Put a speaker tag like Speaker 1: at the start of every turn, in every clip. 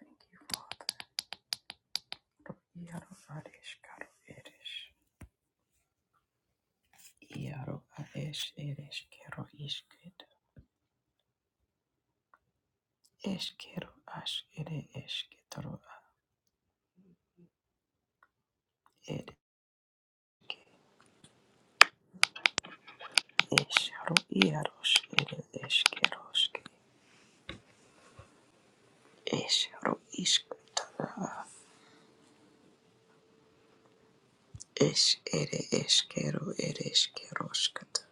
Speaker 1: Thank you, Father. Iaro ares caro eres. Iaro ares eres caro isket. Es caro as ere esketoro a ere. Es caro iaros ere eskeroske. Es caro isketoro a. Es ere eskero ere eskeroskata.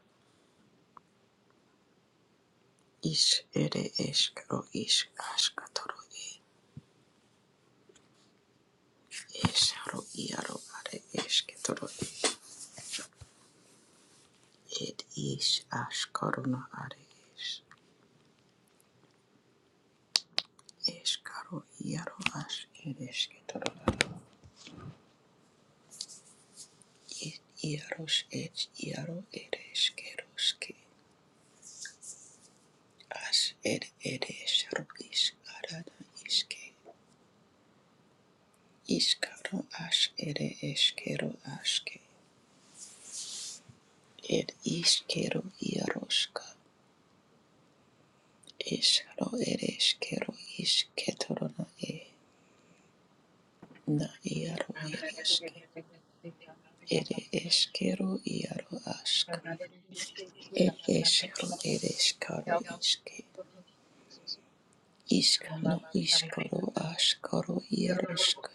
Speaker 1: Is ere eskero is askatoro e. Es caro iaro are esketoro It is Ashkaruna Ares, Eskaro Yaro Ash Eresketoranas, It Yaros Et Yaro Ereskeroske, As Ed Eres Rubis Arada Iske, Iskaro Ash Ere Eskero Aske, Ed Iskero Yaroska, Esro Ereskero Isketorona E, Na Yaro Ereske, Ere Eskero Yaro Aska. Ed eshero ed eskaro iske iska no iskaro askaro iaroska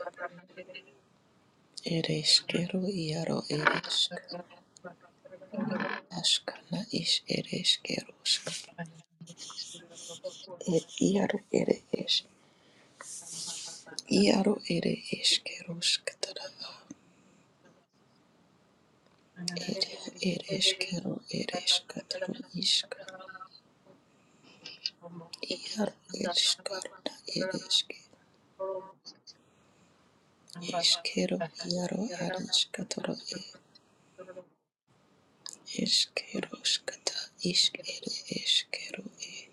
Speaker 1: ed eskero iaro ed esk na is ed eskeroska ed iaro ed es iaro ed eskeroska tara ed ed eskero ed eskataro iska iaro ed skaro na ed eske eskero iaro ad eskataro Eskero skata isk ere eskero e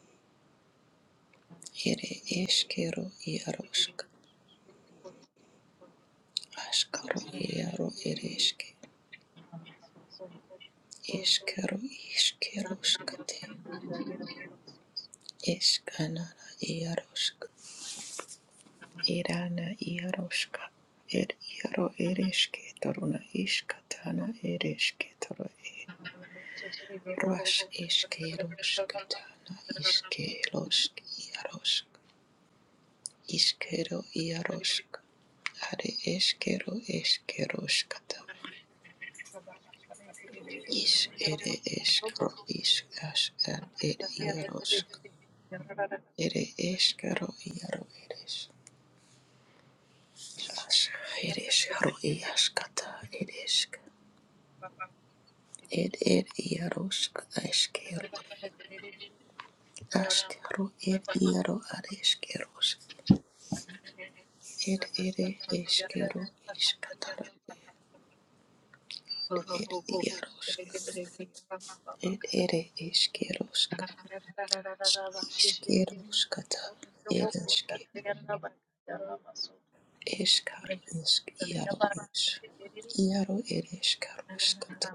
Speaker 1: ere eskero iarosk askaro iaro ere eske eskero iskero eskanana iarosk irana iaroska er iaro ere esketoruna iskatana ereške esketoro e ras eskero skatana iskerosk iarosk Ishkero iarosk, are eskero eskeroskata. Is ere eskro is as ad ed iarosk. Ere eskero iaro eres. As eres haro iaskata eresk. Ed ed iarosk eskero. Askero ed iaro ad eskeros. Ed ere eskero iskatara ed iarosk. Ed ere eskerosk. Iškeruškata ereške eškaro išk iaro iš iaro ereškaruškata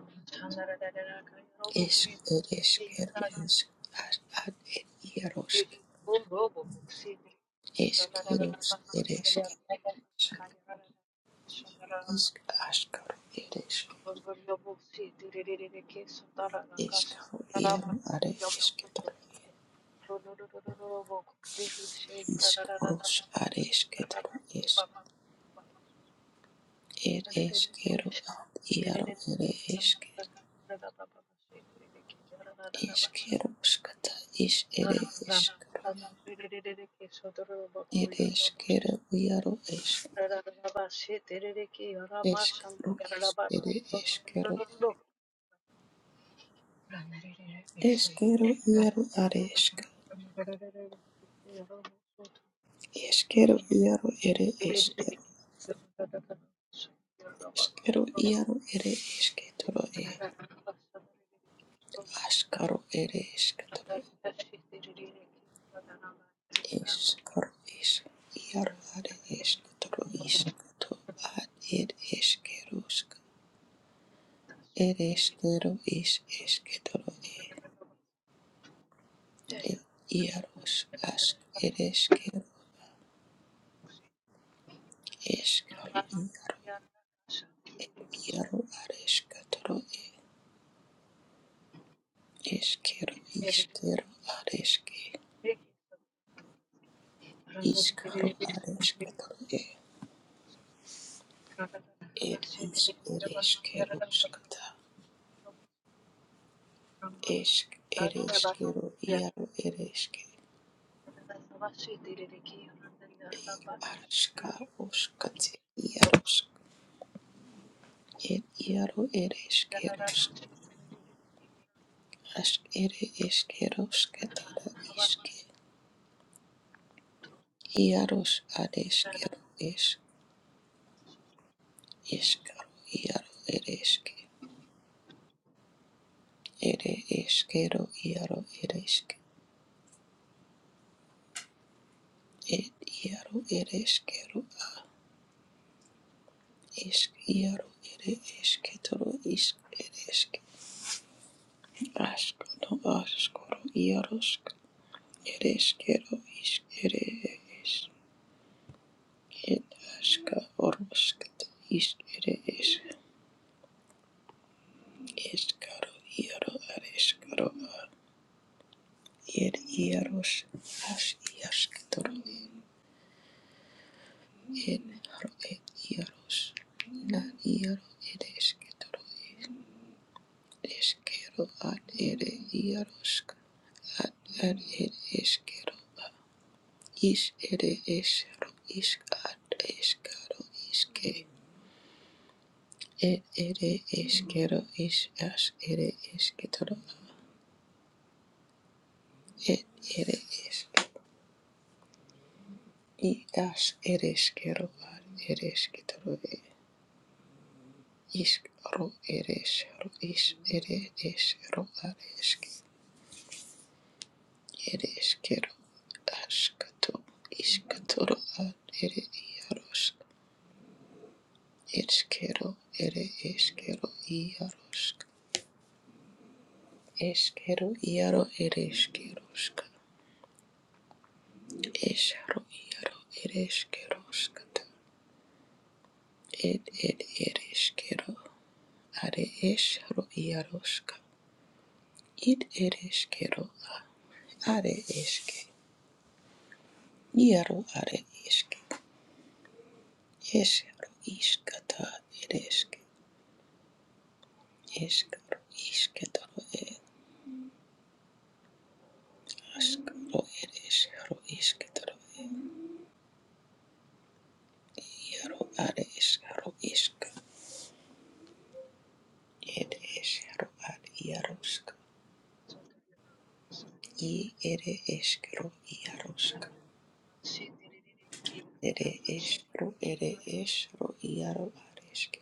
Speaker 1: iš ereškeru išk ar ar er iarošk eškeruš ereške išk aškaru ereške eškaru iaro are ešketaru išk ruš are ešketaru išk er eškeru ad iaro ere eške Iškėliau škatą iš ir iškėliau ir iškėliau iero iš iškėliau iš ir iškėliau iškėliau iero ar iškėliau iškėliau iero ir iškėliau iškėliau iero ir iškėliau aškaro ir iškėliau iškaro iš iero ar iškėliau iškėliau ar ir iškėliau ir iškėliau iš e. ir ieros ask ir eskero eskero iero ar eskatoro eskero iskero ar eske iskaro ar eskatoro ir is ir eskero skata esk ir eskero iero ir eske ar ska oskate iero ir iero ir eskero ask ir eskero skatara iske Hieros adeskeru Iskaro iaro ereske. Ere eskero iaro ereske. Ed iaro ereskero a isk iaro ere esketoro isk ereske. Askano askoro iarosk. Ereskero isk ere es. Ed aska orosket isk ere es. Eskaro iaro ereskaro a. Ed iaros as iasketoro Ed haro ed iaros na iaro ed esketoro ed eskero ad ere iaroska ad ad ed eskero a is ere esero isk ad eskaro iske ed ere eskero is as ere esketoro ed ere esk i as ere eskero ad ere esketoro isk ro ere esero is ere esero ad eske ere eskero askato iskatoro ad ere iarosk eskero ere eskero iarosk eskero iaro ere eskerosk esaro iaro ere eskeroskata ed ed ere eskero are esaro iaroska id ere eskero a are eske iaro are eske esaro iskata ere eske Iskaro isketoro ere askaro ere iskaro isketoro iaro are iskaro isk ere iskaro are iarosk i ere iskaro iarosk ere iskaro ere iskaro iaro are isk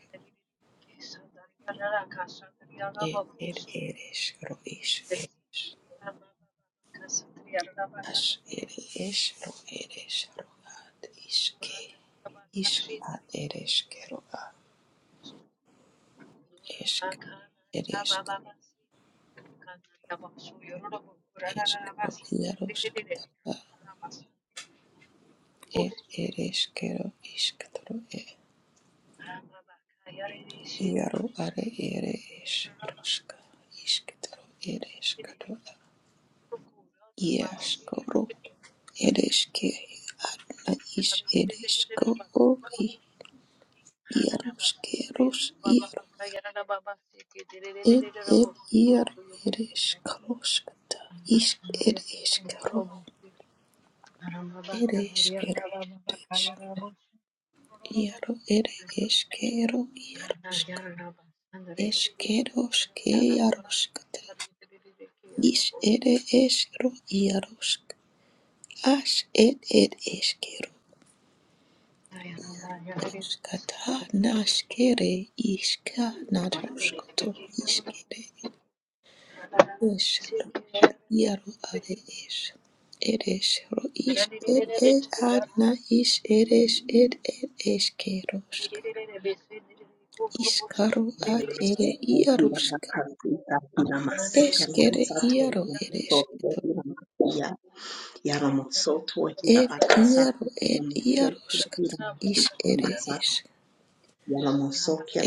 Speaker 1: e ere ere iskaro is as ere iskaro ere iskaro ad iske isk ad ere iskaro ad isk Iskro iaro skatara er ereskero iskatoro e iaro are ere es ruska iskatoro ereskero iaskoro ereske arna is ereskoro i iaroskeros iaro er er iaro ereskoro skata isk ereskero ereskero iaro ere eskero iaro Eskeros ke yaroskata. Is ere esro yarosk. As et et eskero. Skata naskere iska natroskoto. Iskere esro ar yaro are es. Eres ro is et et adna is eres et et eskerosk. Iskaro ad ere
Speaker 2: Yaramosoto
Speaker 1: yarosk.
Speaker 2: Hiramasi
Speaker 1: Eskere
Speaker 2: Yaramasi
Speaker 1: yaro eres. Ed iaro ed iaro skata is ere is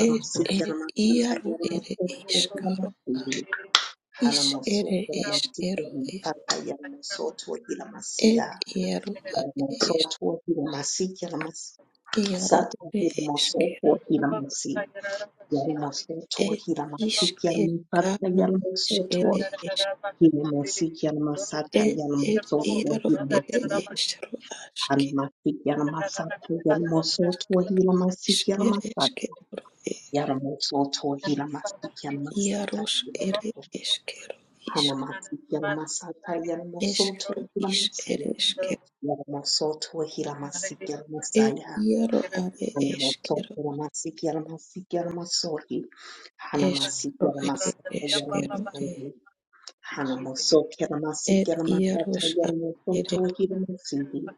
Speaker 1: ed ed iaro ere is karo is ere is kero ed ed iaro ade is iaro
Speaker 2: Sato
Speaker 1: ere is
Speaker 2: Hiramoso
Speaker 1: kero
Speaker 2: Hiramasi Yalamasoto,
Speaker 1: ed is
Speaker 2: Hilamasik,
Speaker 1: ed
Speaker 2: Yalamasata,
Speaker 1: kano is
Speaker 2: Yalamasoto,
Speaker 1: ere is
Speaker 2: Hilamasik, Yalamasata,
Speaker 1: ed ed
Speaker 2: Yalamasoto,
Speaker 1: iaro ere
Speaker 2: Hilamasik,
Speaker 1: is ro aske
Speaker 2: Alamasik, Yalamasata, Yalamasoto,
Speaker 1: is
Speaker 2: Hilamasik,
Speaker 1: ere is
Speaker 2: Yalamasata,
Speaker 1: kero ed
Speaker 2: Yalamasoto, Hilamasik, Yalamasata,
Speaker 1: iaros ere is kero is
Speaker 2: Yalamasik, Yalamasata,
Speaker 1: is
Speaker 2: Yalamasoto,
Speaker 1: ro is
Speaker 2: Hilamasik,
Speaker 1: ere is
Speaker 2: Yalamasoto, Hilamasik,
Speaker 1: Ed
Speaker 2: Yalamasaya,
Speaker 1: iaro are
Speaker 2: Yalamasoto,
Speaker 1: eskero,
Speaker 2: Hilamasik, Yalamasik, Yalamasori, Hanamasik,
Speaker 1: eskero ere
Speaker 2: Yalamasata,
Speaker 1: eskero e.
Speaker 2: Yalamasori, Hanamaso kelamasi
Speaker 1: Ed
Speaker 2: kelamasata
Speaker 1: iaros ad
Speaker 2: yelamaso
Speaker 1: ere
Speaker 2: to hilamasihi.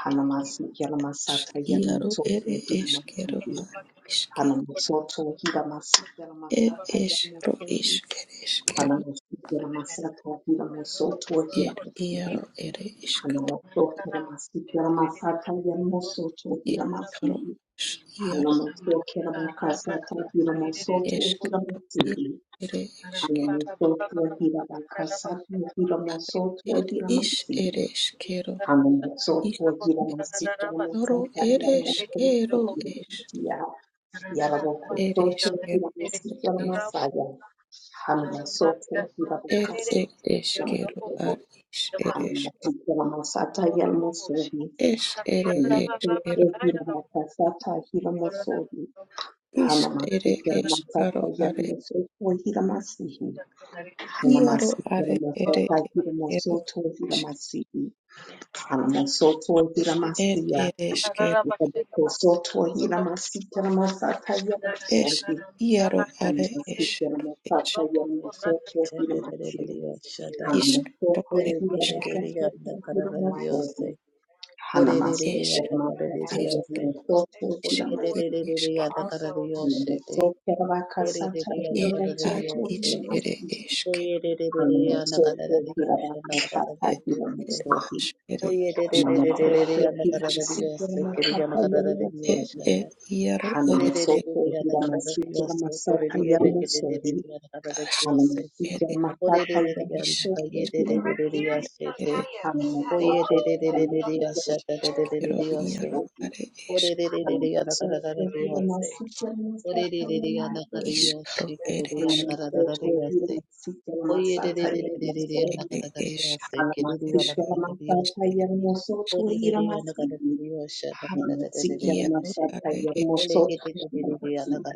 Speaker 2: Hanamasi
Speaker 1: es-
Speaker 2: kelamasata
Speaker 1: iaro
Speaker 2: yelamaso
Speaker 1: ere
Speaker 2: to
Speaker 1: eskero
Speaker 2: hilamasihi.
Speaker 1: ad iske.
Speaker 2: Hanamaso to hilamasi
Speaker 1: Ed
Speaker 2: kelamasata
Speaker 1: esro
Speaker 2: yelamaso hi.
Speaker 1: isker eskero,
Speaker 2: Hanamaso kelamasata yelamaso to
Speaker 1: ed iaro
Speaker 2: hilamasihi.
Speaker 1: ere eskata.
Speaker 2: Hanamaso kelamasi kelamasata yelamaso to
Speaker 1: Eskaro
Speaker 2: hilamasihi.
Speaker 1: as iaro
Speaker 2: Hanamaso kelamakasata yelamaso to
Speaker 1: eskaro iaro
Speaker 2: hilamasihi.
Speaker 1: ere eskero
Speaker 2: Anamosoto hira bakasatu hira
Speaker 1: Ad
Speaker 2: mosoto
Speaker 1: ed
Speaker 2: hira
Speaker 1: is
Speaker 2: masi.
Speaker 1: ere eskero, is
Speaker 2: Anamosoto hira masi
Speaker 1: ere
Speaker 2: hira
Speaker 1: eskaro
Speaker 2: masata hira
Speaker 1: ere
Speaker 2: mosoto
Speaker 1: eskero
Speaker 2: hira
Speaker 1: es.
Speaker 2: masia.
Speaker 1: Ere
Speaker 2: Yaramosoto hira
Speaker 1: eskero
Speaker 2: masi hira masaya. Anamosoto hira
Speaker 1: Ed ed
Speaker 2: bakasatu hira
Speaker 1: eskero
Speaker 2: mosoto.
Speaker 1: ad is ed eske
Speaker 2: Anamosoto hira masata hira mosoto.
Speaker 1: es ere
Speaker 2: Anamosoto
Speaker 1: eskero
Speaker 2: hira bakasata hira mosoto. Anamosoto hira
Speaker 1: is ere eskaro
Speaker 2: masata hira
Speaker 1: are
Speaker 2: mosoto hira masi.
Speaker 1: iaro
Speaker 2: Hanamasota
Speaker 1: are ere eskero
Speaker 2: Hiramasoto
Speaker 1: esk
Speaker 2: Hiramasi Hanamasoto
Speaker 1: ed
Speaker 2: Hiramasiya
Speaker 1: ed eskero
Speaker 2: Soto Hiramasi Hiramasata
Speaker 1: es
Speaker 2: Yamasohi
Speaker 1: iaro are
Speaker 2: Hiramasi
Speaker 1: eskero es
Speaker 2: Hiramasata Yamasoto
Speaker 3: Shada,
Speaker 2: Hiramasi
Speaker 3: Hallelujah.
Speaker 1: iskaro
Speaker 2: Hanamasoto
Speaker 1: ed eskero
Speaker 2: Hiramasata
Speaker 3: Orererereanda kararariyose.
Speaker 2: Hiramasohi Hanamasoto
Speaker 1: es
Speaker 3: Orererereanda
Speaker 2: Hiramasata
Speaker 1: ere esk
Speaker 3: kararariyose.
Speaker 2: Yamasoto
Speaker 1: is ere
Speaker 2: Hiramasi
Speaker 3: Orererereanda
Speaker 1: eskero
Speaker 3: kararariyosete.
Speaker 2: Hanamasoto Hiramakasata
Speaker 3: Orererereanda
Speaker 1: ed ad
Speaker 2: Hiramasoto
Speaker 3: kararariyose.
Speaker 1: is ere
Speaker 2: Hiramasi
Speaker 1: eskero
Speaker 2: Hana
Speaker 3: Oyerererereanda
Speaker 2: masotok hila
Speaker 3: kararariyoshanda
Speaker 2: masita
Speaker 1: ed
Speaker 2: matahiya
Speaker 3: kararariyose.
Speaker 1: ed as
Speaker 2: masotik.
Speaker 1: ere
Speaker 2: Hana
Speaker 1: eskero
Speaker 2: masotok
Speaker 3: Oyerererereanda
Speaker 2: hila
Speaker 1: is
Speaker 2: masita
Speaker 3: kararariyose. Kiriyanda
Speaker 2: matahiya
Speaker 1: ed
Speaker 2: masotik.
Speaker 3: kararariyoshanda.
Speaker 1: ed iaro
Speaker 2: Hana
Speaker 1: ere
Speaker 2: masotok
Speaker 3: Orererereanda
Speaker 2: hila masita
Speaker 3: kararariyose.
Speaker 2: matahiya masotik.
Speaker 3: Orererereanda
Speaker 1: Ash
Speaker 2: Hana
Speaker 3: kararariyose.
Speaker 2: masotok
Speaker 1: ere
Speaker 2: hila masita matahiya masotik. Hana masotok hila masita
Speaker 1: eskero
Speaker 2: matahiya
Speaker 1: iaro
Speaker 2: masotik.
Speaker 1: are esk
Speaker 2: Hana masotok hila masita matahiya
Speaker 1: iskaro ere esk
Speaker 2: masotik.
Speaker 1: ere eskero eskero is
Speaker 2: Alamasata Yermosoto Hiramasiki. Haramasiki
Speaker 1: iaro
Speaker 2: Alamasata
Speaker 1: are esk
Speaker 2: Yermosoto Hiramasiki.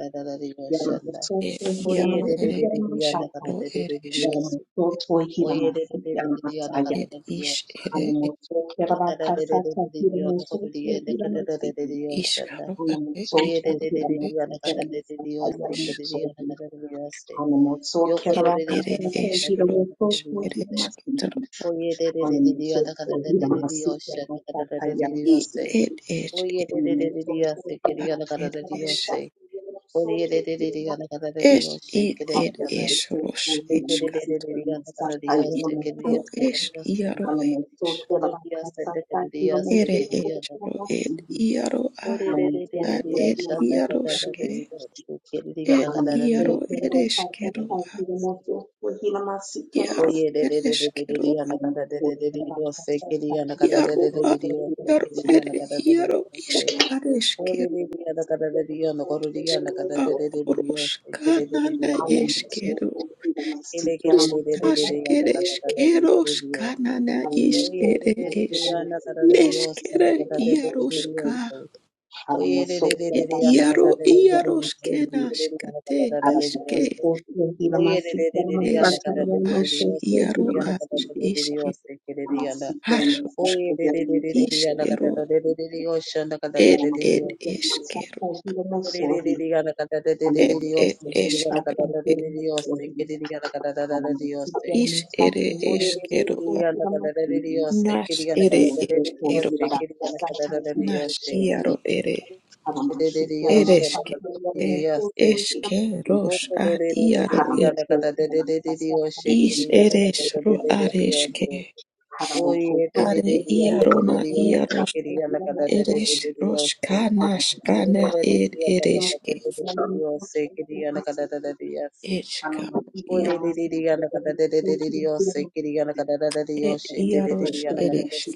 Speaker 1: e
Speaker 2: Yermosoto
Speaker 1: iaro ere
Speaker 2: Hiramasiki Alamasata.
Speaker 1: eskero ere esk
Speaker 2: Yermosoto Hiramasiki Alamasaya.
Speaker 1: ed
Speaker 3: Dios,
Speaker 1: ish ere
Speaker 2: Alamosoto Hirabakasata Hiramosoto Hiramasiki.
Speaker 1: iskaro are
Speaker 2: Alamosoto
Speaker 1: iaro are
Speaker 2: Hiramasiki
Speaker 1: esk
Speaker 2: Alamasata Yermosoto. Alamosoto
Speaker 1: ed ere
Speaker 2: Hirabakasata
Speaker 1: eskero is
Speaker 2: Hiramosoto
Speaker 1: ere
Speaker 2: Hiramasiki.
Speaker 1: eskero
Speaker 2: Onomasoko yamasiku yamasaka
Speaker 1: i
Speaker 2: yamasiku
Speaker 1: ed ed ed
Speaker 2: onomasoko
Speaker 1: ad
Speaker 2: yamasiku
Speaker 1: ed
Speaker 2: yamasaka yamasoko yamasaka
Speaker 1: Es ir er
Speaker 2: halomasoko
Speaker 1: esros eska
Speaker 2: yamasiku yamasaka
Speaker 1: iskaro
Speaker 2: yamasoko
Speaker 1: es iaro es
Speaker 2: halomasoko
Speaker 3: Ikorodiya sanda
Speaker 2: yamasaka yamasoko
Speaker 3: kadiriya se
Speaker 1: ere
Speaker 2: yamasaka halomasoko yamasaka yamasaka halomasoko
Speaker 3: kadiriya na.
Speaker 1: esro ed iaro a
Speaker 3: Ore re re re re
Speaker 1: ad
Speaker 3: re
Speaker 1: ed
Speaker 3: asha da kada na re
Speaker 1: iaroske
Speaker 3: re ashu kadiri kada
Speaker 1: ed
Speaker 3: kada re re
Speaker 1: iaro
Speaker 3: asha da kada re
Speaker 1: ereskero
Speaker 3: re
Speaker 1: a
Speaker 3: re se.
Speaker 2: yamasaka yamasoko
Speaker 1: iaro
Speaker 2: yamasaka
Speaker 3: Koye re re re re re re
Speaker 1: ereskero
Speaker 3: re
Speaker 1: a
Speaker 3: ana
Speaker 2: um,
Speaker 3: kada re
Speaker 2: so
Speaker 3: re re re
Speaker 2: what about
Speaker 3: re se
Speaker 2: trust us? That
Speaker 3: kadiriya na
Speaker 2: you
Speaker 3: kada
Speaker 2: will
Speaker 3: re
Speaker 2: not
Speaker 1: iaro
Speaker 3: re re
Speaker 2: feel
Speaker 1: a
Speaker 3: re
Speaker 2: for
Speaker 3: re
Speaker 2: freedom
Speaker 3: se
Speaker 2: and
Speaker 1: iaro
Speaker 3: kadiriya na
Speaker 1: ere
Speaker 2: safety.
Speaker 3: kada re re
Speaker 1: iaro
Speaker 3: re se.
Speaker 2: That
Speaker 1: isk
Speaker 2: you will feel for
Speaker 3: Ore
Speaker 1: areskero
Speaker 3: re
Speaker 2: freedom
Speaker 3: re
Speaker 2: and
Speaker 3: ana
Speaker 2: safety.
Speaker 3: kada re
Speaker 2: That
Speaker 3: re
Speaker 2: you
Speaker 3: ana
Speaker 2: will feel for
Speaker 3: korodiya na
Speaker 1: iska
Speaker 2: freedom and
Speaker 3: kada re re
Speaker 2: safety.
Speaker 3: re re
Speaker 1: oros
Speaker 3: re se kadiri re re
Speaker 1: kanana
Speaker 2: I
Speaker 3: ana kada.
Speaker 2: am so for freedom and
Speaker 3: Ele
Speaker 2: safety. I am
Speaker 3: kadiri re re re
Speaker 2: so
Speaker 1: Ishkash
Speaker 3: re
Speaker 2: for freedom and
Speaker 3: ana kada
Speaker 1: eres
Speaker 3: re re
Speaker 2: safety.
Speaker 3: re
Speaker 1: keros
Speaker 3: re re se.
Speaker 1: kanana
Speaker 2: I am
Speaker 1: ish
Speaker 3: Oye
Speaker 2: so
Speaker 3: re
Speaker 1: ere
Speaker 3: re
Speaker 2: for
Speaker 3: re re
Speaker 1: ish.
Speaker 2: freedom and
Speaker 3: ana kada
Speaker 2: safety. I am
Speaker 3: re
Speaker 2: so
Speaker 3: re se
Speaker 1: Neskere
Speaker 3: na kada re
Speaker 2: for
Speaker 3: re re re
Speaker 2: safety.
Speaker 1: iaroska.
Speaker 3: se.
Speaker 2: I am
Speaker 3: Oye de
Speaker 2: so
Speaker 3: de de
Speaker 2: for
Speaker 3: de
Speaker 1: Et
Speaker 3: de
Speaker 2: about
Speaker 3: anda
Speaker 2: trust
Speaker 1: iaro
Speaker 3: kata
Speaker 2: us.
Speaker 3: de
Speaker 2: I
Speaker 3: ana
Speaker 2: am so
Speaker 1: iaros
Speaker 2: that that you. you.
Speaker 1: kenaskate
Speaker 3: kada de
Speaker 1: iske.
Speaker 2: Aramuko, Kira Masi, Kira Masata,
Speaker 1: Neskro
Speaker 2: Kira
Speaker 3: de de
Speaker 1: ash
Speaker 3: de yo
Speaker 2: Masi,
Speaker 3: se
Speaker 1: iaro
Speaker 2: Kira
Speaker 3: que de ana kada
Speaker 1: ash
Speaker 3: de
Speaker 2: Masi.
Speaker 3: de de
Speaker 1: ish
Speaker 3: yo
Speaker 1: et.
Speaker 3: se que
Speaker 2: I'm
Speaker 3: de ana
Speaker 1: Harsos
Speaker 3: Oye de de de de de de ana kada
Speaker 1: iskero
Speaker 3: de de de de yo se que de ana kada
Speaker 1: et
Speaker 3: de de de
Speaker 1: et
Speaker 3: yo se que de
Speaker 1: eskero.
Speaker 3: ana Oye de de de de de
Speaker 1: Et
Speaker 3: de
Speaker 1: et
Speaker 3: ana kada
Speaker 1: eskero
Speaker 3: de de de
Speaker 1: et
Speaker 3: de yo se que de ana kada de oste. Kiri de de yo se que de ana kada de de oste.
Speaker 1: ish ere eskero.
Speaker 3: Kiri anda kata de yo se que
Speaker 1: Nas
Speaker 3: de ana
Speaker 1: ere
Speaker 3: kada de de de yo
Speaker 1: eskero.
Speaker 3: se que
Speaker 1: et.
Speaker 3: de ana kada de anda kata de de yo se que de ana kada de oste. Kiri anda kata de de yo
Speaker 1: Nas
Speaker 3: se
Speaker 1: iaro
Speaker 3: Oye, de de de de de,
Speaker 1: Ereshkigal e Eshkerosh ad Iaro
Speaker 2: Haram,
Speaker 1: e
Speaker 3: anda
Speaker 2: so,
Speaker 3: cada de
Speaker 2: and I
Speaker 3: de de de, anda
Speaker 1: Ish
Speaker 2: am
Speaker 1: Eresh ro
Speaker 2: Thank you.
Speaker 1: Areshke
Speaker 2: Have a good
Speaker 1: Are Iarona Iarosh
Speaker 3: cada
Speaker 1: Eresh
Speaker 3: de
Speaker 1: Rosh Kanash Ana ed Ereshke Eshkar Ia ed Iarosh Ereshke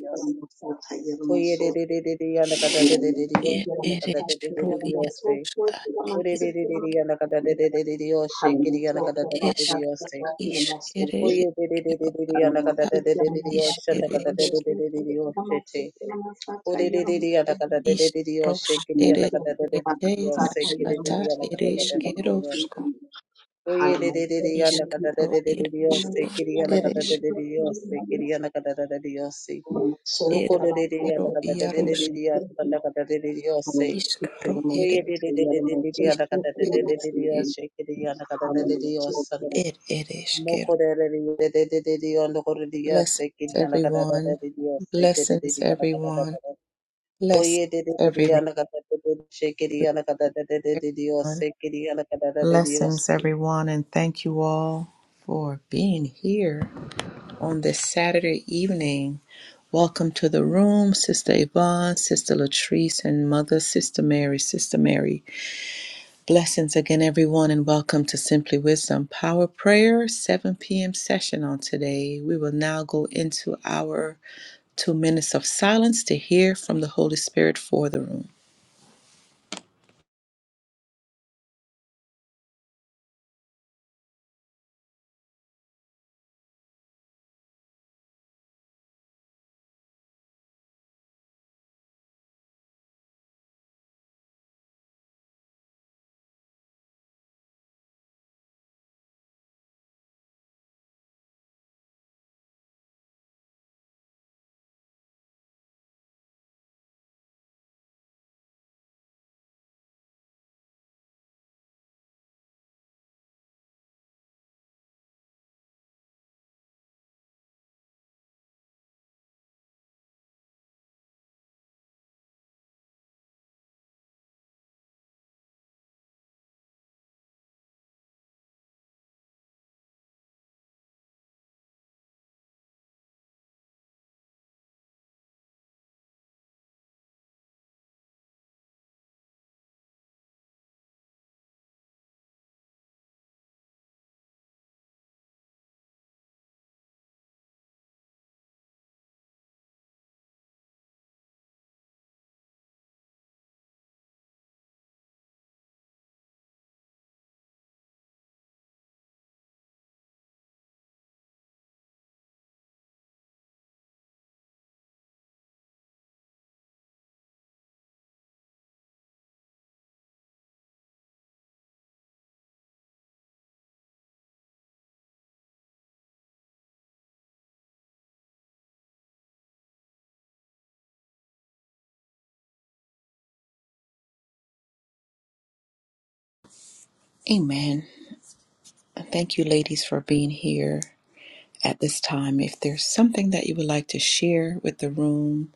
Speaker 1: ed Eresh
Speaker 3: de
Speaker 1: ro
Speaker 3: de de, anda.
Speaker 1: Iarosh ad
Speaker 3: Ore
Speaker 1: ed
Speaker 3: de de de de yana kada de de de de de yoshe kiri yana kada de de de de
Speaker 1: Eshk
Speaker 3: yoshe ki.
Speaker 1: Ish Ere
Speaker 2: cook.
Speaker 3: Oye de de de de
Speaker 1: Eshkero
Speaker 3: de de yana
Speaker 2: Hallelujah.
Speaker 3: kada
Speaker 1: ad
Speaker 3: de de de de de
Speaker 1: Ish
Speaker 3: yoshe yana kada de
Speaker 1: Eresh
Speaker 3: de de de de de yoshe che. Ore de de de yana kada de de
Speaker 1: Ish
Speaker 3: de de yoshe
Speaker 1: Rosh
Speaker 3: kiri yana
Speaker 1: Ereshke
Speaker 3: kada de de de de de
Speaker 1: Te
Speaker 3: yoshe ki de de
Speaker 1: Nashkata
Speaker 3: de yana kada de de de de de
Speaker 1: Ereshkerosh
Speaker 3: yoshe. Oye de de de de yana kada de
Speaker 1: Iskro
Speaker 3: de de de de
Speaker 1: eres,
Speaker 3: yoshe
Speaker 1: ros
Speaker 3: kiri yana kada de
Speaker 1: eres,
Speaker 3: de de de yoshe kiri yana kada de de de de yoshe. Noko
Speaker 1: eres,
Speaker 3: de de de yana
Speaker 1: ero
Speaker 3: kada de de de de
Speaker 1: iaros,
Speaker 3: de yoshe yana kada de de de de yoshe.
Speaker 1: iskro eres,
Speaker 3: I would like
Speaker 1: is eres, e- er eres, kero. Blessings, everyone. Blessings, everyone. Blessings, everyone. everyone. Blessings, everyone, and thank you all for being here on this Saturday evening. Welcome to the room, Sister Yvonne, Sister Latrice, and Mother Sister Mary, Sister Mary. Blessings again, everyone, and welcome to Simply Wisdom Power Prayer, 7 p.m. session on today. We will now go into our two minutes of silence to hear from the Holy Spirit for the room. Amen. And thank you, ladies, for being here at this time. If there's something that you would like to share with the room,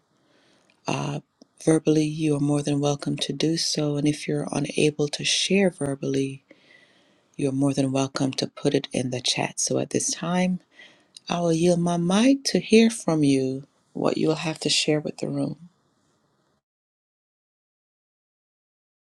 Speaker 1: uh, verbally, you are more than welcome to do so. And if you're unable to share verbally, you're more than welcome to put it in the chat. So at this time, I will yield my mic to hear from you what you will have to share with the room.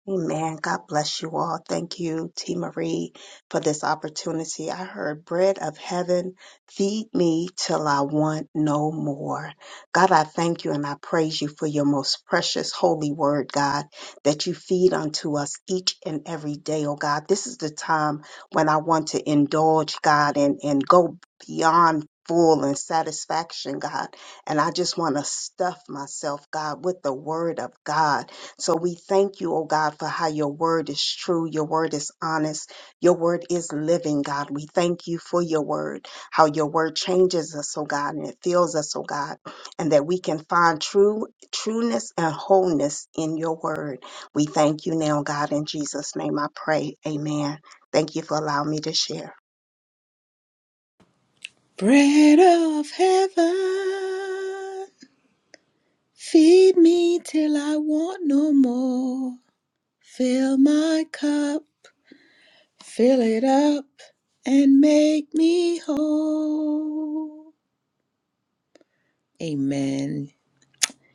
Speaker 2: Amen. God bless you all. Thank you, T. Marie, for this opportunity. I heard bread of heaven, feed me till I want no more. God, I thank you and I praise you for your most precious holy word, God, that you feed unto us each and every day, oh God. This is the time when I want to indulge, God, and, and go beyond full and satisfaction, God. And I just want to stuff myself, God, with the word of God so we thank you, oh God, for how your word is true, your word is honest, your word is living, God. We thank you for your word, how your word changes us, oh God, and it fills us, oh God, and that we can find true trueness and wholeness in your word. We thank you now, God, in Jesus' name I pray. Amen. Thank you for allowing me to share.
Speaker 1: Bread of heaven, feed me till I want no more. Fill my cup, fill it up, and make me whole. Amen.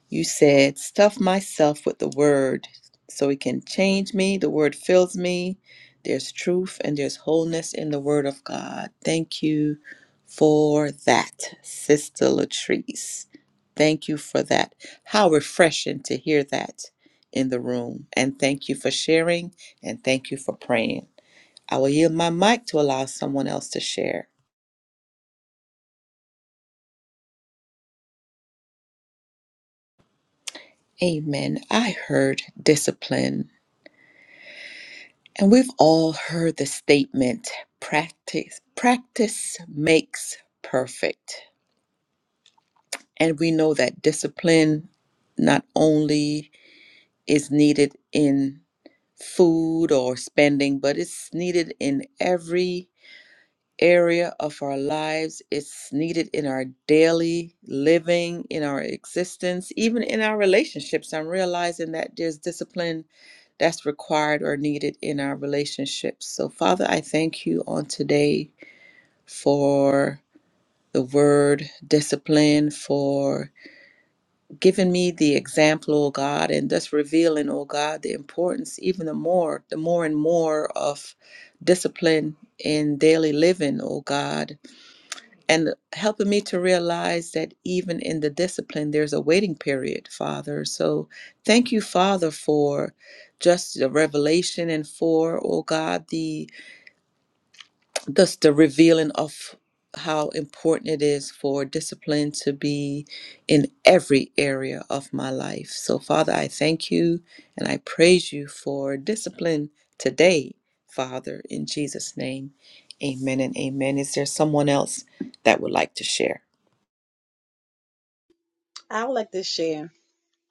Speaker 1: You said, Stuff myself with the word so it can change me. The word fills me. There's truth and there's wholeness in the word of God. Thank you for that, Sister Latrice. Thank you for that. How refreshing to hear that in the room. And thank you for sharing and thank you for praying. I will yield my mic to allow someone else to share. Amen. I heard discipline And we've all heard the statement practice practice makes perfect. And we know that discipline not only is needed in food or spending, but it's needed in every area of our lives. It's needed in our daily living, in our existence, even in our relationships. I'm realizing that there's discipline that's required or needed in our relationships. So, Father, I thank you on today for the word discipline, for giving me the example, oh God, and thus revealing, oh God, the importance even the more, the more and more of discipline in daily living, oh God and helping me to realize that even in the discipline, there's a waiting period, Father. So thank you, Father, for just the revelation and for, oh God, the just the revealing of how important it is for discipline to be in every area of my life. So, Father, I thank you and I praise you for discipline today, Father, in Jesus' name. Amen and amen. Is there someone else that would like to share?
Speaker 3: to share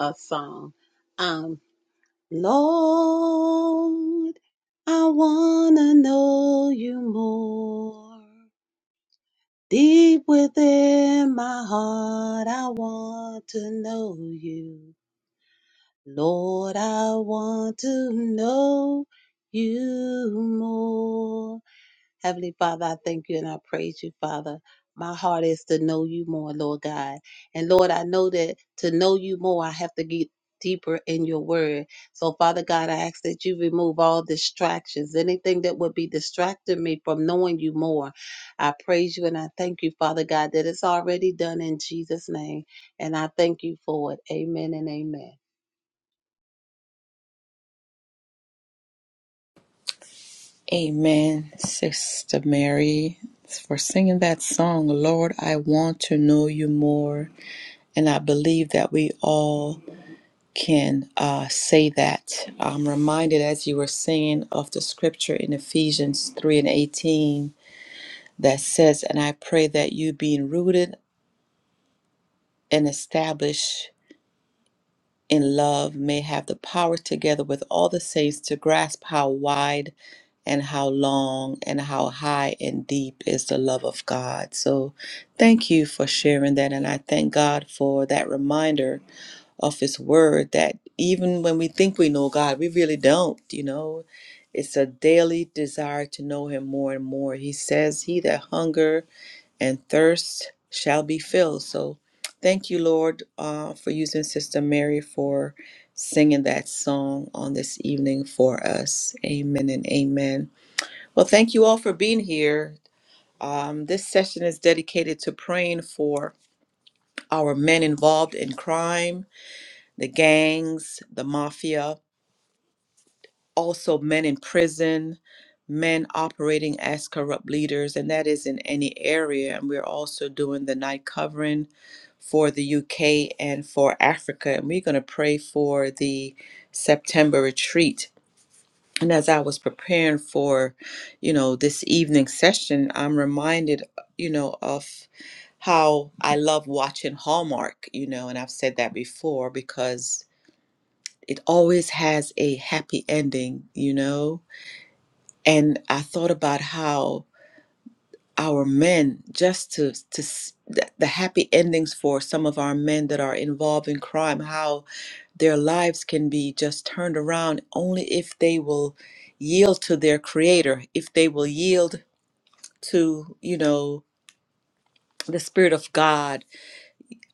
Speaker 3: a song. Um, Lord, I wanna know you more. Deep within my heart, I want to know you. Lord, I want to know you more. Heavenly Father, I thank you and I praise you, Father. My heart is to know you more, Lord God. And Lord, I know that to know you more, I have to get deeper in your word. So, Father God, I ask that you remove all distractions, anything that would be distracting me from knowing you more. I praise you and I thank you, Father God, that it's already done in Jesus' name. And I thank you for it. Amen and amen.
Speaker 1: Amen, Sister Mary, for singing that song, Lord, I Want to Know You More. And I believe that we all can uh, say that. I'm reminded as you were singing of the scripture in Ephesians 3 and 18 that says, And I pray that you, being rooted and established in love may have the power together with all the saints to grasp how wide and how long and how high and deep is the love of God. So thank you for sharing that. And I thank God for that reminder of His Word that even when we think we know God, we really don't, you know. It's a daily desire to know Him more and more. He says, He that hunger and thirst shall be filled. So thank you, Lord, uh, for using Sister Mary for singing that song on this evening for us. Amen and amen. Well, thank you all for being here. Um, this session is dedicated to praying for our men involved in crime, the gangs, the mafia, also men in prison, men operating as corrupt leaders, and that is in any area. And we're also doing the night covering for the UK and for Africa. And we're going to pray for the September retreat. And as I was preparing for, you know, this evening session, I'm reminded, you know, of how I love watching Hallmark, you know, and I've said that before because it always has a happy ending, you know and I thought about how our men just to to s- the, the happy endings for some of our men that are involved in crime how their lives can be just turned around only if they will yield to their creator if they will yield to you know the spirit of God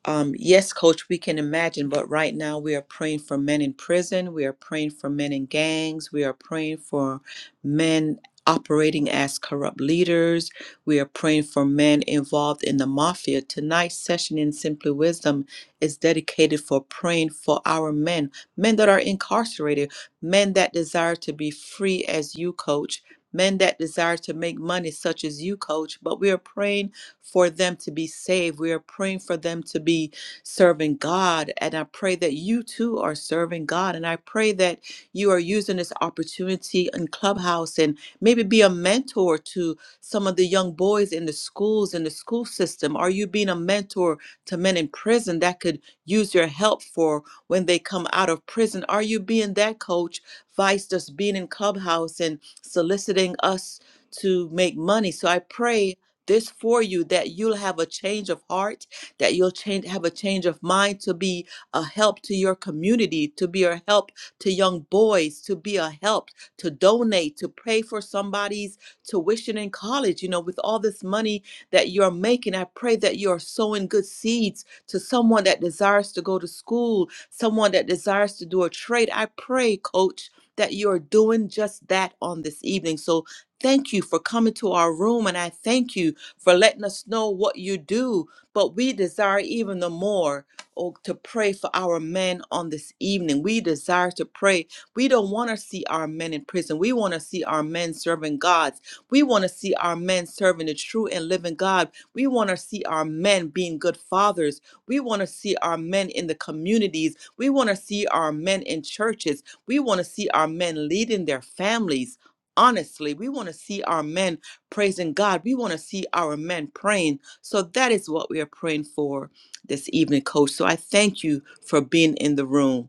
Speaker 1: Um, yes, coach, we can imagine, but right now we are praying for men in prison. We are praying for men in gangs. We are praying for men operating as corrupt leaders. We are praying for men involved in the mafia. Tonight's session in Simply Wisdom is dedicated for praying for our men, men that are incarcerated, men that desire to be free as you, coach. Men that desire to make money, such as you, coach, but we are praying for them to be saved. We are praying for them to be serving God. And I pray that you too are serving God. And I pray that you are using this opportunity in Clubhouse and maybe be a mentor to some of the young boys in the schools, in the school system. Are you being a mentor to men in prison that could use your help for when they come out of prison? Are you being that coach, vice just being in Clubhouse and soliciting us? to make money. So I pray this for you that you'll have a change of heart that you'll change have a change of mind to be a help to your community to be a help to young boys to be a help to donate to pray for somebody's tuition in college you know with all this money that you're making i pray that you're sowing good seeds to someone that desires to go to school someone that desires to do a trade i pray coach that you're doing just that on this evening so thank you for coming to our room and i thank you for letting us know what you do. But we desire even the more oh, to pray for our men on this evening. We desire to pray. We don't want to see our men in prison. We want to see our men serving God. We want to see our men serving the true and living God. We want to see our men being good fathers. We want to see our men in the communities. We want to see our men in churches. We want to see our men leading their families honestly. We want to see our men praising God. We want to see our men praying. So that is what we are praying for this evening, coach. So I thank you for being in the room.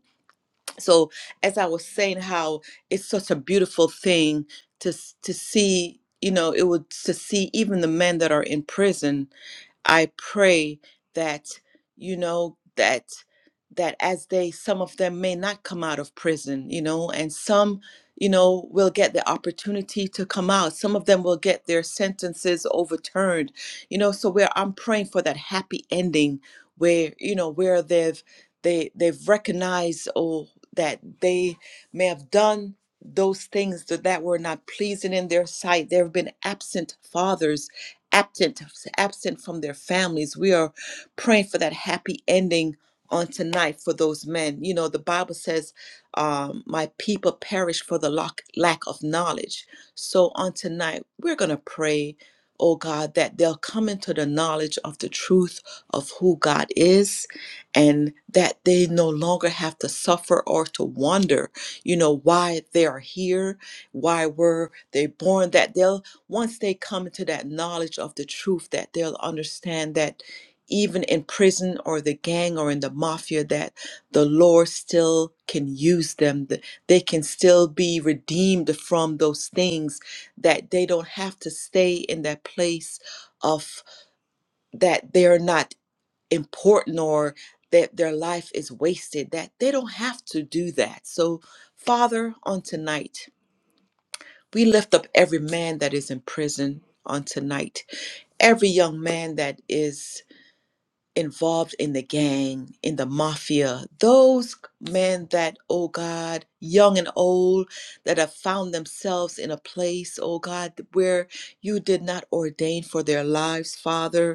Speaker 1: So as I was saying how it's such a beautiful thing to s- to see, you know, it would to see even the men that are in prison I pray that you know that that as they some of them may not come out of prison, you know, and some you know will get the opportunity to come out. Some of them will get their sentences overturned. You know, so where I'm praying for that happy ending where you know where they've they they've recognized oh that they may have done those things that, that were not pleasing in their sight. There have been absent fathers absent absent from their families. We are praying for that happy ending on tonight for those men. You know, the Bible says, um, "My people perish for the lack lack of knowledge." So on tonight, we're gonna pray, oh God, that they'll come into the knowledge of the truth of who God is, and that they no longer have to suffer or to wonder, you know, why they are here, why were they born. That they'll once they come to that knowledge of the truth that they'll understand that even in prison or the gang or in the mafia that the lord still can use them that they can still be redeemed from those things that they don't have to stay in that place of that they're not important or that their life is wasted that they don't have to do that so father on tonight we lift up every man that is in prison on tonight, every young man that is involved in the gang, in the mafia, those men that, oh God, young and old, that have found themselves in a place, oh God, where you did not ordain for their lives, Father.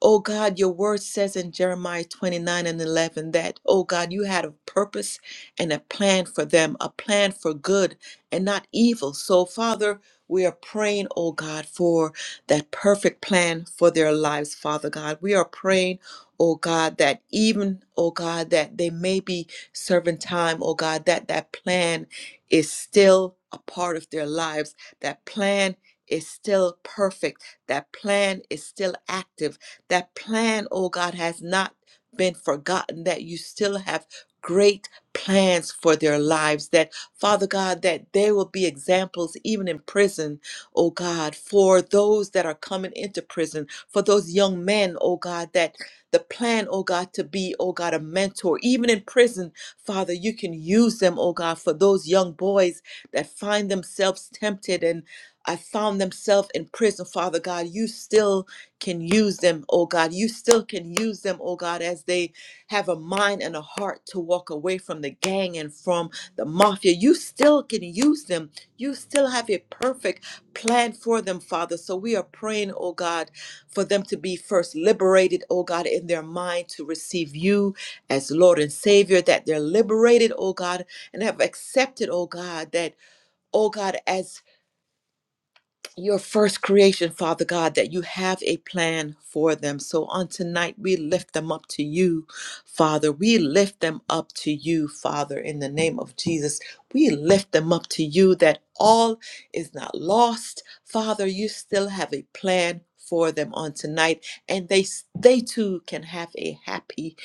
Speaker 1: Oh God, your word says in Jeremiah 29 and 11 that, oh God, you had a purpose and a plan for them, a plan for good and not evil. So, Father, we are praying, oh God, for that perfect plan for their lives, Father God. We are praying, oh God, that even, oh God, that they may be serving time, oh God, that that plan is still a part of their lives. That plan is still perfect. That plan is still active that plan, oh God, has not been forgotten, that you still have great plans for their lives, that Father God, that they will be examples even in prison, oh God, for those that are coming into prison, for those young men, oh God, that the plan, oh God, to be, oh God, a mentor, even in prison, Father, you can use them, oh God, for those young boys that find themselves tempted and I found themselves in prison, Father God. You still can use them, oh God. You still can use them, oh God, as they have a mind and a heart to walk away from the gang and from the mafia. You still can use them. You still have a perfect plan for them, Father. So we are praying, oh God, for them to be first liberated, oh God, in their mind to receive you as Lord and Savior, that they're liberated, oh God, and have accepted, oh God, that, oh God, as your first creation, Father God, that you have a plan for them. So on tonight, we lift them up to you, Father. We lift them up to you, Father, in the name of Jesus. We lift them up to you that all is not lost. Father, you still have a plan for them on tonight, and they they too can have a happy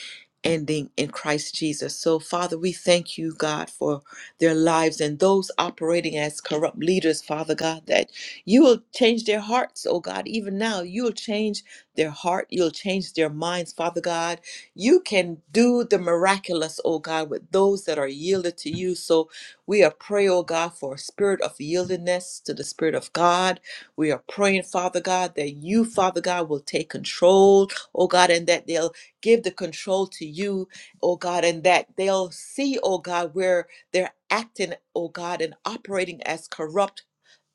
Speaker 1: ending in Christ Jesus. So, Father, we thank you, God, for their lives and those operating as corrupt leaders, Father God, that you will change their hearts, oh God, even now. You will change their heart. You'll change their minds, Father God. You can do the miraculous, oh God, with those that are yielded to you. So we are praying, oh God, for a spirit of yieldedness to the Spirit of God. We are praying, Father God, that you, Father God, will take control, oh God, and that they'll give the control to you, oh God, and that they'll see, oh God, where they're acting, oh God, and operating as corrupt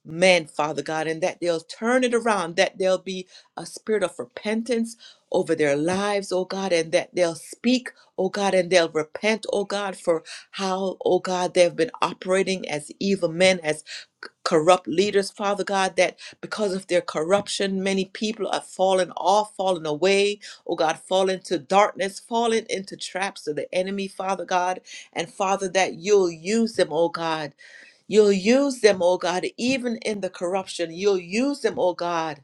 Speaker 1: men, Father God, and that they'll turn it around, that there'll be a spirit of repentance over their lives, oh God, and that they'll speak, oh God, and they'll repent, oh God, for how, oh God, they've been operating as evil men, as c- corrupt leaders, Father God, that because of their corruption, many people are fallen off, fallen away, oh God, fallen to darkness, fallen into traps of the enemy, Father God, and Father, that you'll use them, oh God You'll use them, oh God, even in the corruption. You'll use them, oh God,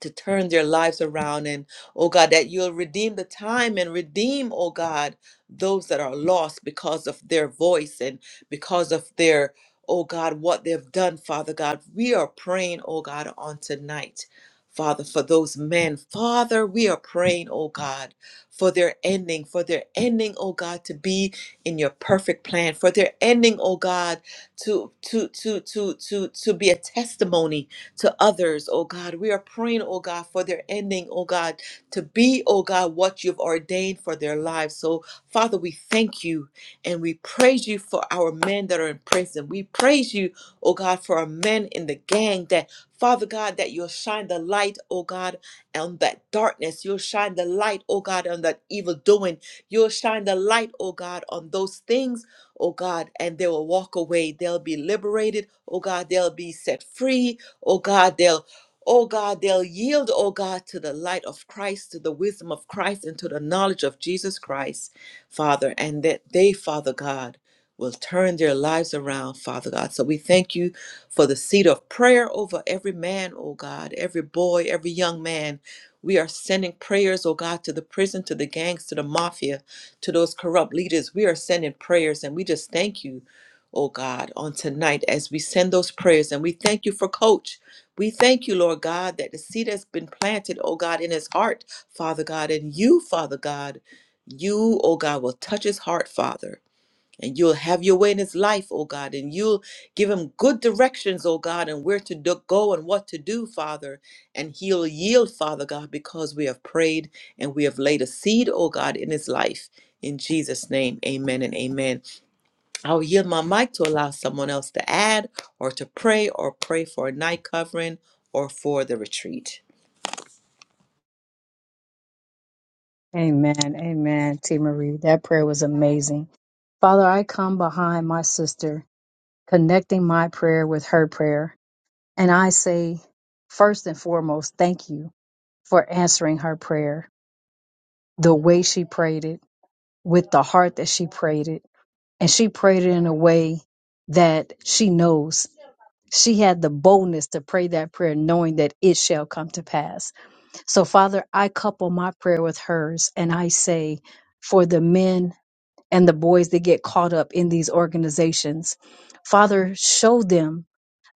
Speaker 1: to turn their lives around and oh God that you'll redeem the time and redeem oh God those that are lost because of their voice and because of their oh God what they've done Father God we are praying oh God on tonight Father for those men Father we are praying oh God for their ending for their ending oh God to be in your perfect plan for their ending oh God to to to to to to be a testimony to others, oh God. We are praying, oh God, for their ending, oh God, to be, oh God, what you've ordained for their lives. So, Father, we thank you and we praise you for our men that are in prison. We praise you, oh God, for our men in the gang that, Father God, that you'll shine the light, oh God, on that darkness. You'll shine the light, oh God, on that evil doing. You'll shine the light, oh God, on those things, oh God, and they will walk away. They'll be liberated, oh God. They'll be set free, Oh God, they'll Oh God, they'll yield, oh God, to the light of Christ, to the wisdom of Christ, and to the knowledge of Jesus Christ, Father, and that they, Father God, will turn their lives around, Father God. So we thank you for the seed of prayer over every man, oh God, every boy, every young man. We are sending prayers, oh God, to the prison, to the gangs, to the mafia, to those corrupt leaders. We are sending prayers, and we just thank you oh God, on tonight as we send those prayers. And we thank you for Coach. We thank you, Lord God, that the seed has been planted, oh God, in his heart, Father God. And you, Father God, you, oh God, will touch his heart, Father. And you'll have your way in his life, oh God. And you'll give him good directions, oh God, and where to do- go and what to do, Father. And he'll yield, Father God, because we have prayed and we have laid a seed, oh God, in his life. In Jesus' name, amen and amen. I'll yield my mic to allow someone else to add or to pray or pray for a night covering or for the retreat.
Speaker 4: Amen. Amen. T. Marie, that prayer was amazing. Father, I come behind my sister, connecting my prayer with her prayer. And I say, first and foremost, thank you for answering her prayer the way she prayed it, with the heart that she prayed it. And she prayed it in a way that she knows. She had the boldness to pray that prayer, knowing that it shall come to pass. So, Father, I couple my prayer with hers and I say, for the men and the boys that get caught up in these organizations. Father, show them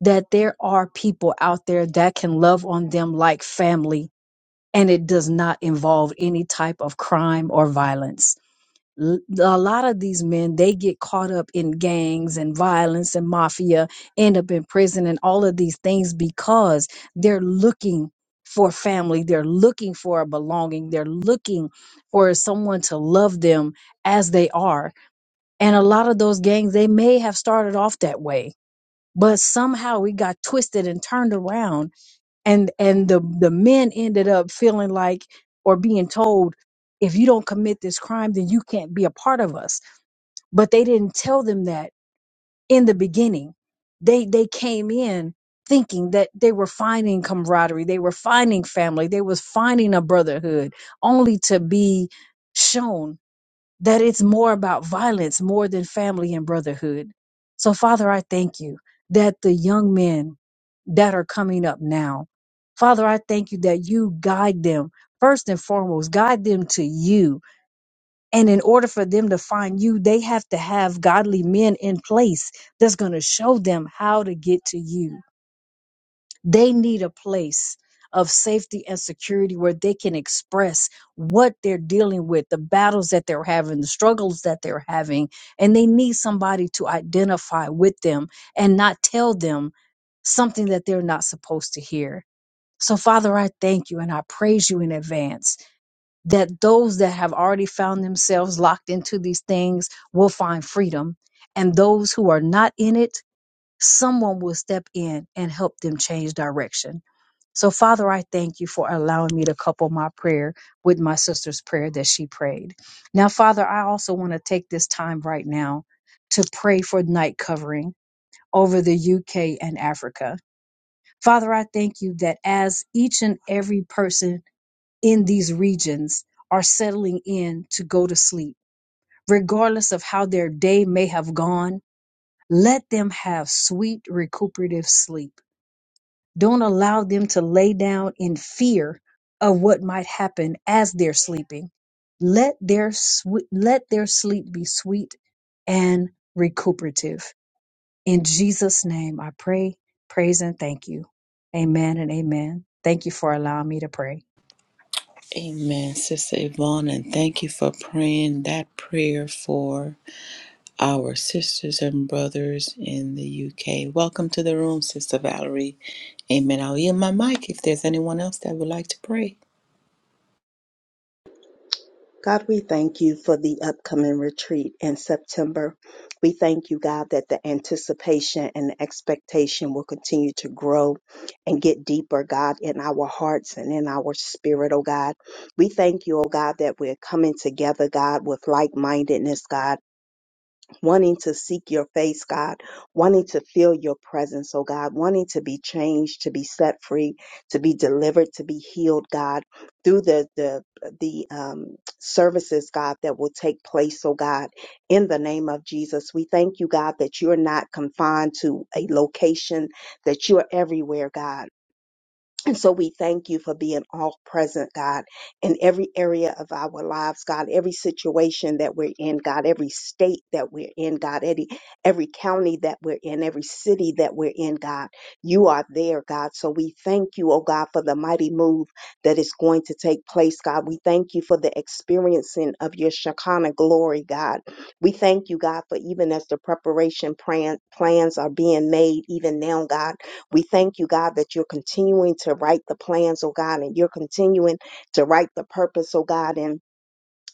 Speaker 4: that there are people out there that can love on them like family, and it does not involve any type of crime or violence. L- A lot of these men, they get caught up in gangs and violence and mafia, end up in prison and all of these things because they're looking for family. They're looking for a belonging. They're looking for someone to love them as they are and a lot of those gangs, they may have started off that way, but somehow it got twisted and turned around. And and the, the men ended up feeling like or being told, if you don't commit this crime, then you can't be a part of us. But they didn't tell them that in the beginning. They they came in thinking that they were finding camaraderie, they were finding family, they was finding a brotherhood, only to be shown that it's more about violence more than family and brotherhood. So, Father, I thank you that the young men that are coming up now, Father, I thank you that you guide them first and foremost, guide them to you. And in order for them to find you, they have to have godly men in place that's going to show them how to get to you. They need a place of safety and security where they can express what they're dealing with, the battles that they're having, the struggles that they're having, and they need somebody to identify with them and not tell them something that they're not supposed to hear. So, Father, I thank you and I praise you in advance that those that have already found themselves locked into these things will find freedom. And those who are not in it, someone will step in and help them change direction. So, Father, I thank you for allowing me to couple my prayer with my sister's prayer that she prayed. Now, Father, I also want to take this time right now to pray for night covering over the UK and Africa. Father, I thank you that as each and every person in these regions are settling in to go to sleep, regardless of how their day may have gone, let them have sweet recuperative sleep. Don't allow them to lay down in fear of what might happen as they're sleeping. Let their swe- let their sleep be sweet and recuperative. In Jesus' name, I pray, praise, and thank you. Amen and amen. Thank you for allowing me to pray.
Speaker 1: Amen, Sister Yvonne, and thank you for praying that prayer for our sisters and brothers in the UK. Welcome to the room, Sister Valerie. Amen. I'll yield my mic if there's anyone else that would like to pray.
Speaker 2: God, we thank you for the upcoming retreat in September. We thank you, God, that the anticipation and the expectation will continue to grow and get deeper, God, in our hearts and in our spirit, oh God. We thank you, oh God, that we're coming together, God, with like mindedness, God wanting to seek your face, God, wanting to feel your presence, oh God, wanting to be changed, to be set free, to be delivered, to be healed, God, through the the the um, services, God, that will take place, oh God, in the name of Jesus. We thank you, God, that you are not confined to a location, that you are everywhere, God and so we thank you for being all present, God, in every area of our lives, God, every situation that we're in, God, every state that we're in, God, every, every county that we're in, every city that we're in, God, you are there, God. So we thank you, oh God, for the mighty move that is going to take place, God. We thank you for the experiencing of your Shekinah glory, God. We thank you, God, for even as the preparation plan, plans are being made, even now, God. We thank you, God, that you're continuing to write the plans, oh God, and you're continuing to write the purpose, oh God, and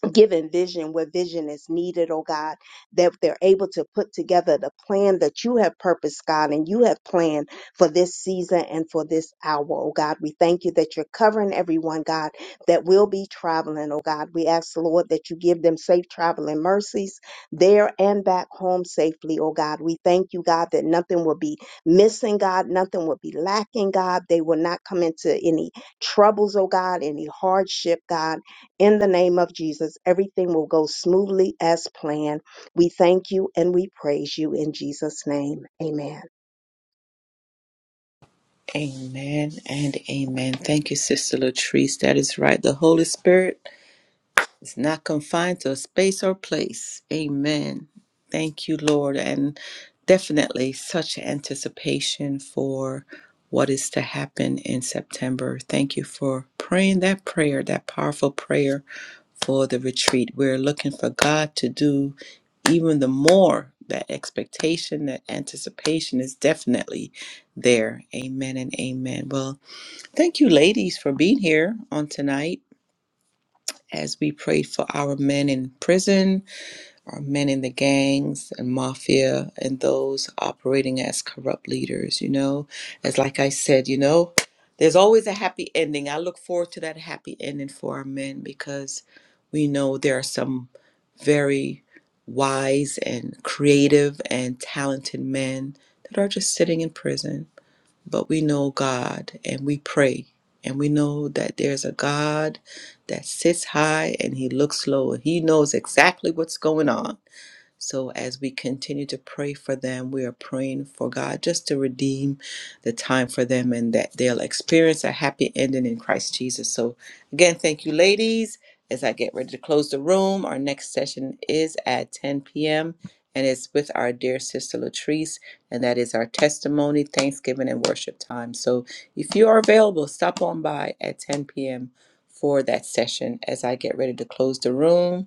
Speaker 2: given vision where vision is needed, oh God, that they're able to put together the plan that you have purposed, God, and you have planned for this season and for this hour, oh God. We thank you that you're covering everyone, God, that will be traveling, oh God. We ask, Lord, that you give them safe traveling mercies there and back home safely, oh God. We thank you, God, that nothing will be missing, God, nothing will be lacking, God. They will not come into any troubles, oh God, any hardship, God. In the name of Jesus, everything will go smoothly as planned. We thank you and we praise you in Jesus' name. Amen.
Speaker 1: Amen and amen. Thank you, Sister Latrice. That is right. The Holy Spirit It's not confined to a space or place. Amen. Thank you, Lord. And definitely such anticipation for what is to happen in September. Thank you for praying that prayer, that powerful prayer for the retreat. We're looking for God to do even the more. That expectation, that anticipation is definitely there. Amen and amen. Well, thank you, ladies, for being here on tonight as we prayed for our men in prison, our men in the gangs and mafia, and those operating as corrupt leaders. You know, as like I said, you know, there's always a happy ending. I look forward to that happy ending for our men because we know there are some very wise and creative and talented men that are just sitting in prison but we know God and we pray. And we know that there's a God that sits high and he looks low. He knows exactly what's going on. So as we continue to pray for them, we are praying for God just to redeem the time for them and that they'll experience a happy ending in Christ Jesus. So again, thank you, ladies. As I get ready to close the room, our next session is at 10 p.m. and it's with our dear sister Latrice, and that is our testimony, Thanksgiving, and worship time. So if you are available, stop on by at 10 p.m. for that session as I get ready to close the room.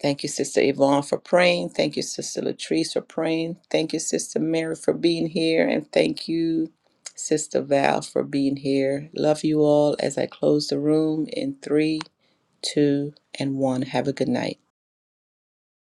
Speaker 1: Thank you, Sister Yvonne, for praying. Thank you, Sister Latrice, for praying. Thank you, Sister Mary, for being here. And thank you, Sister Val, for being here. Love you all as I close the room in three, two, and one. Have a good night.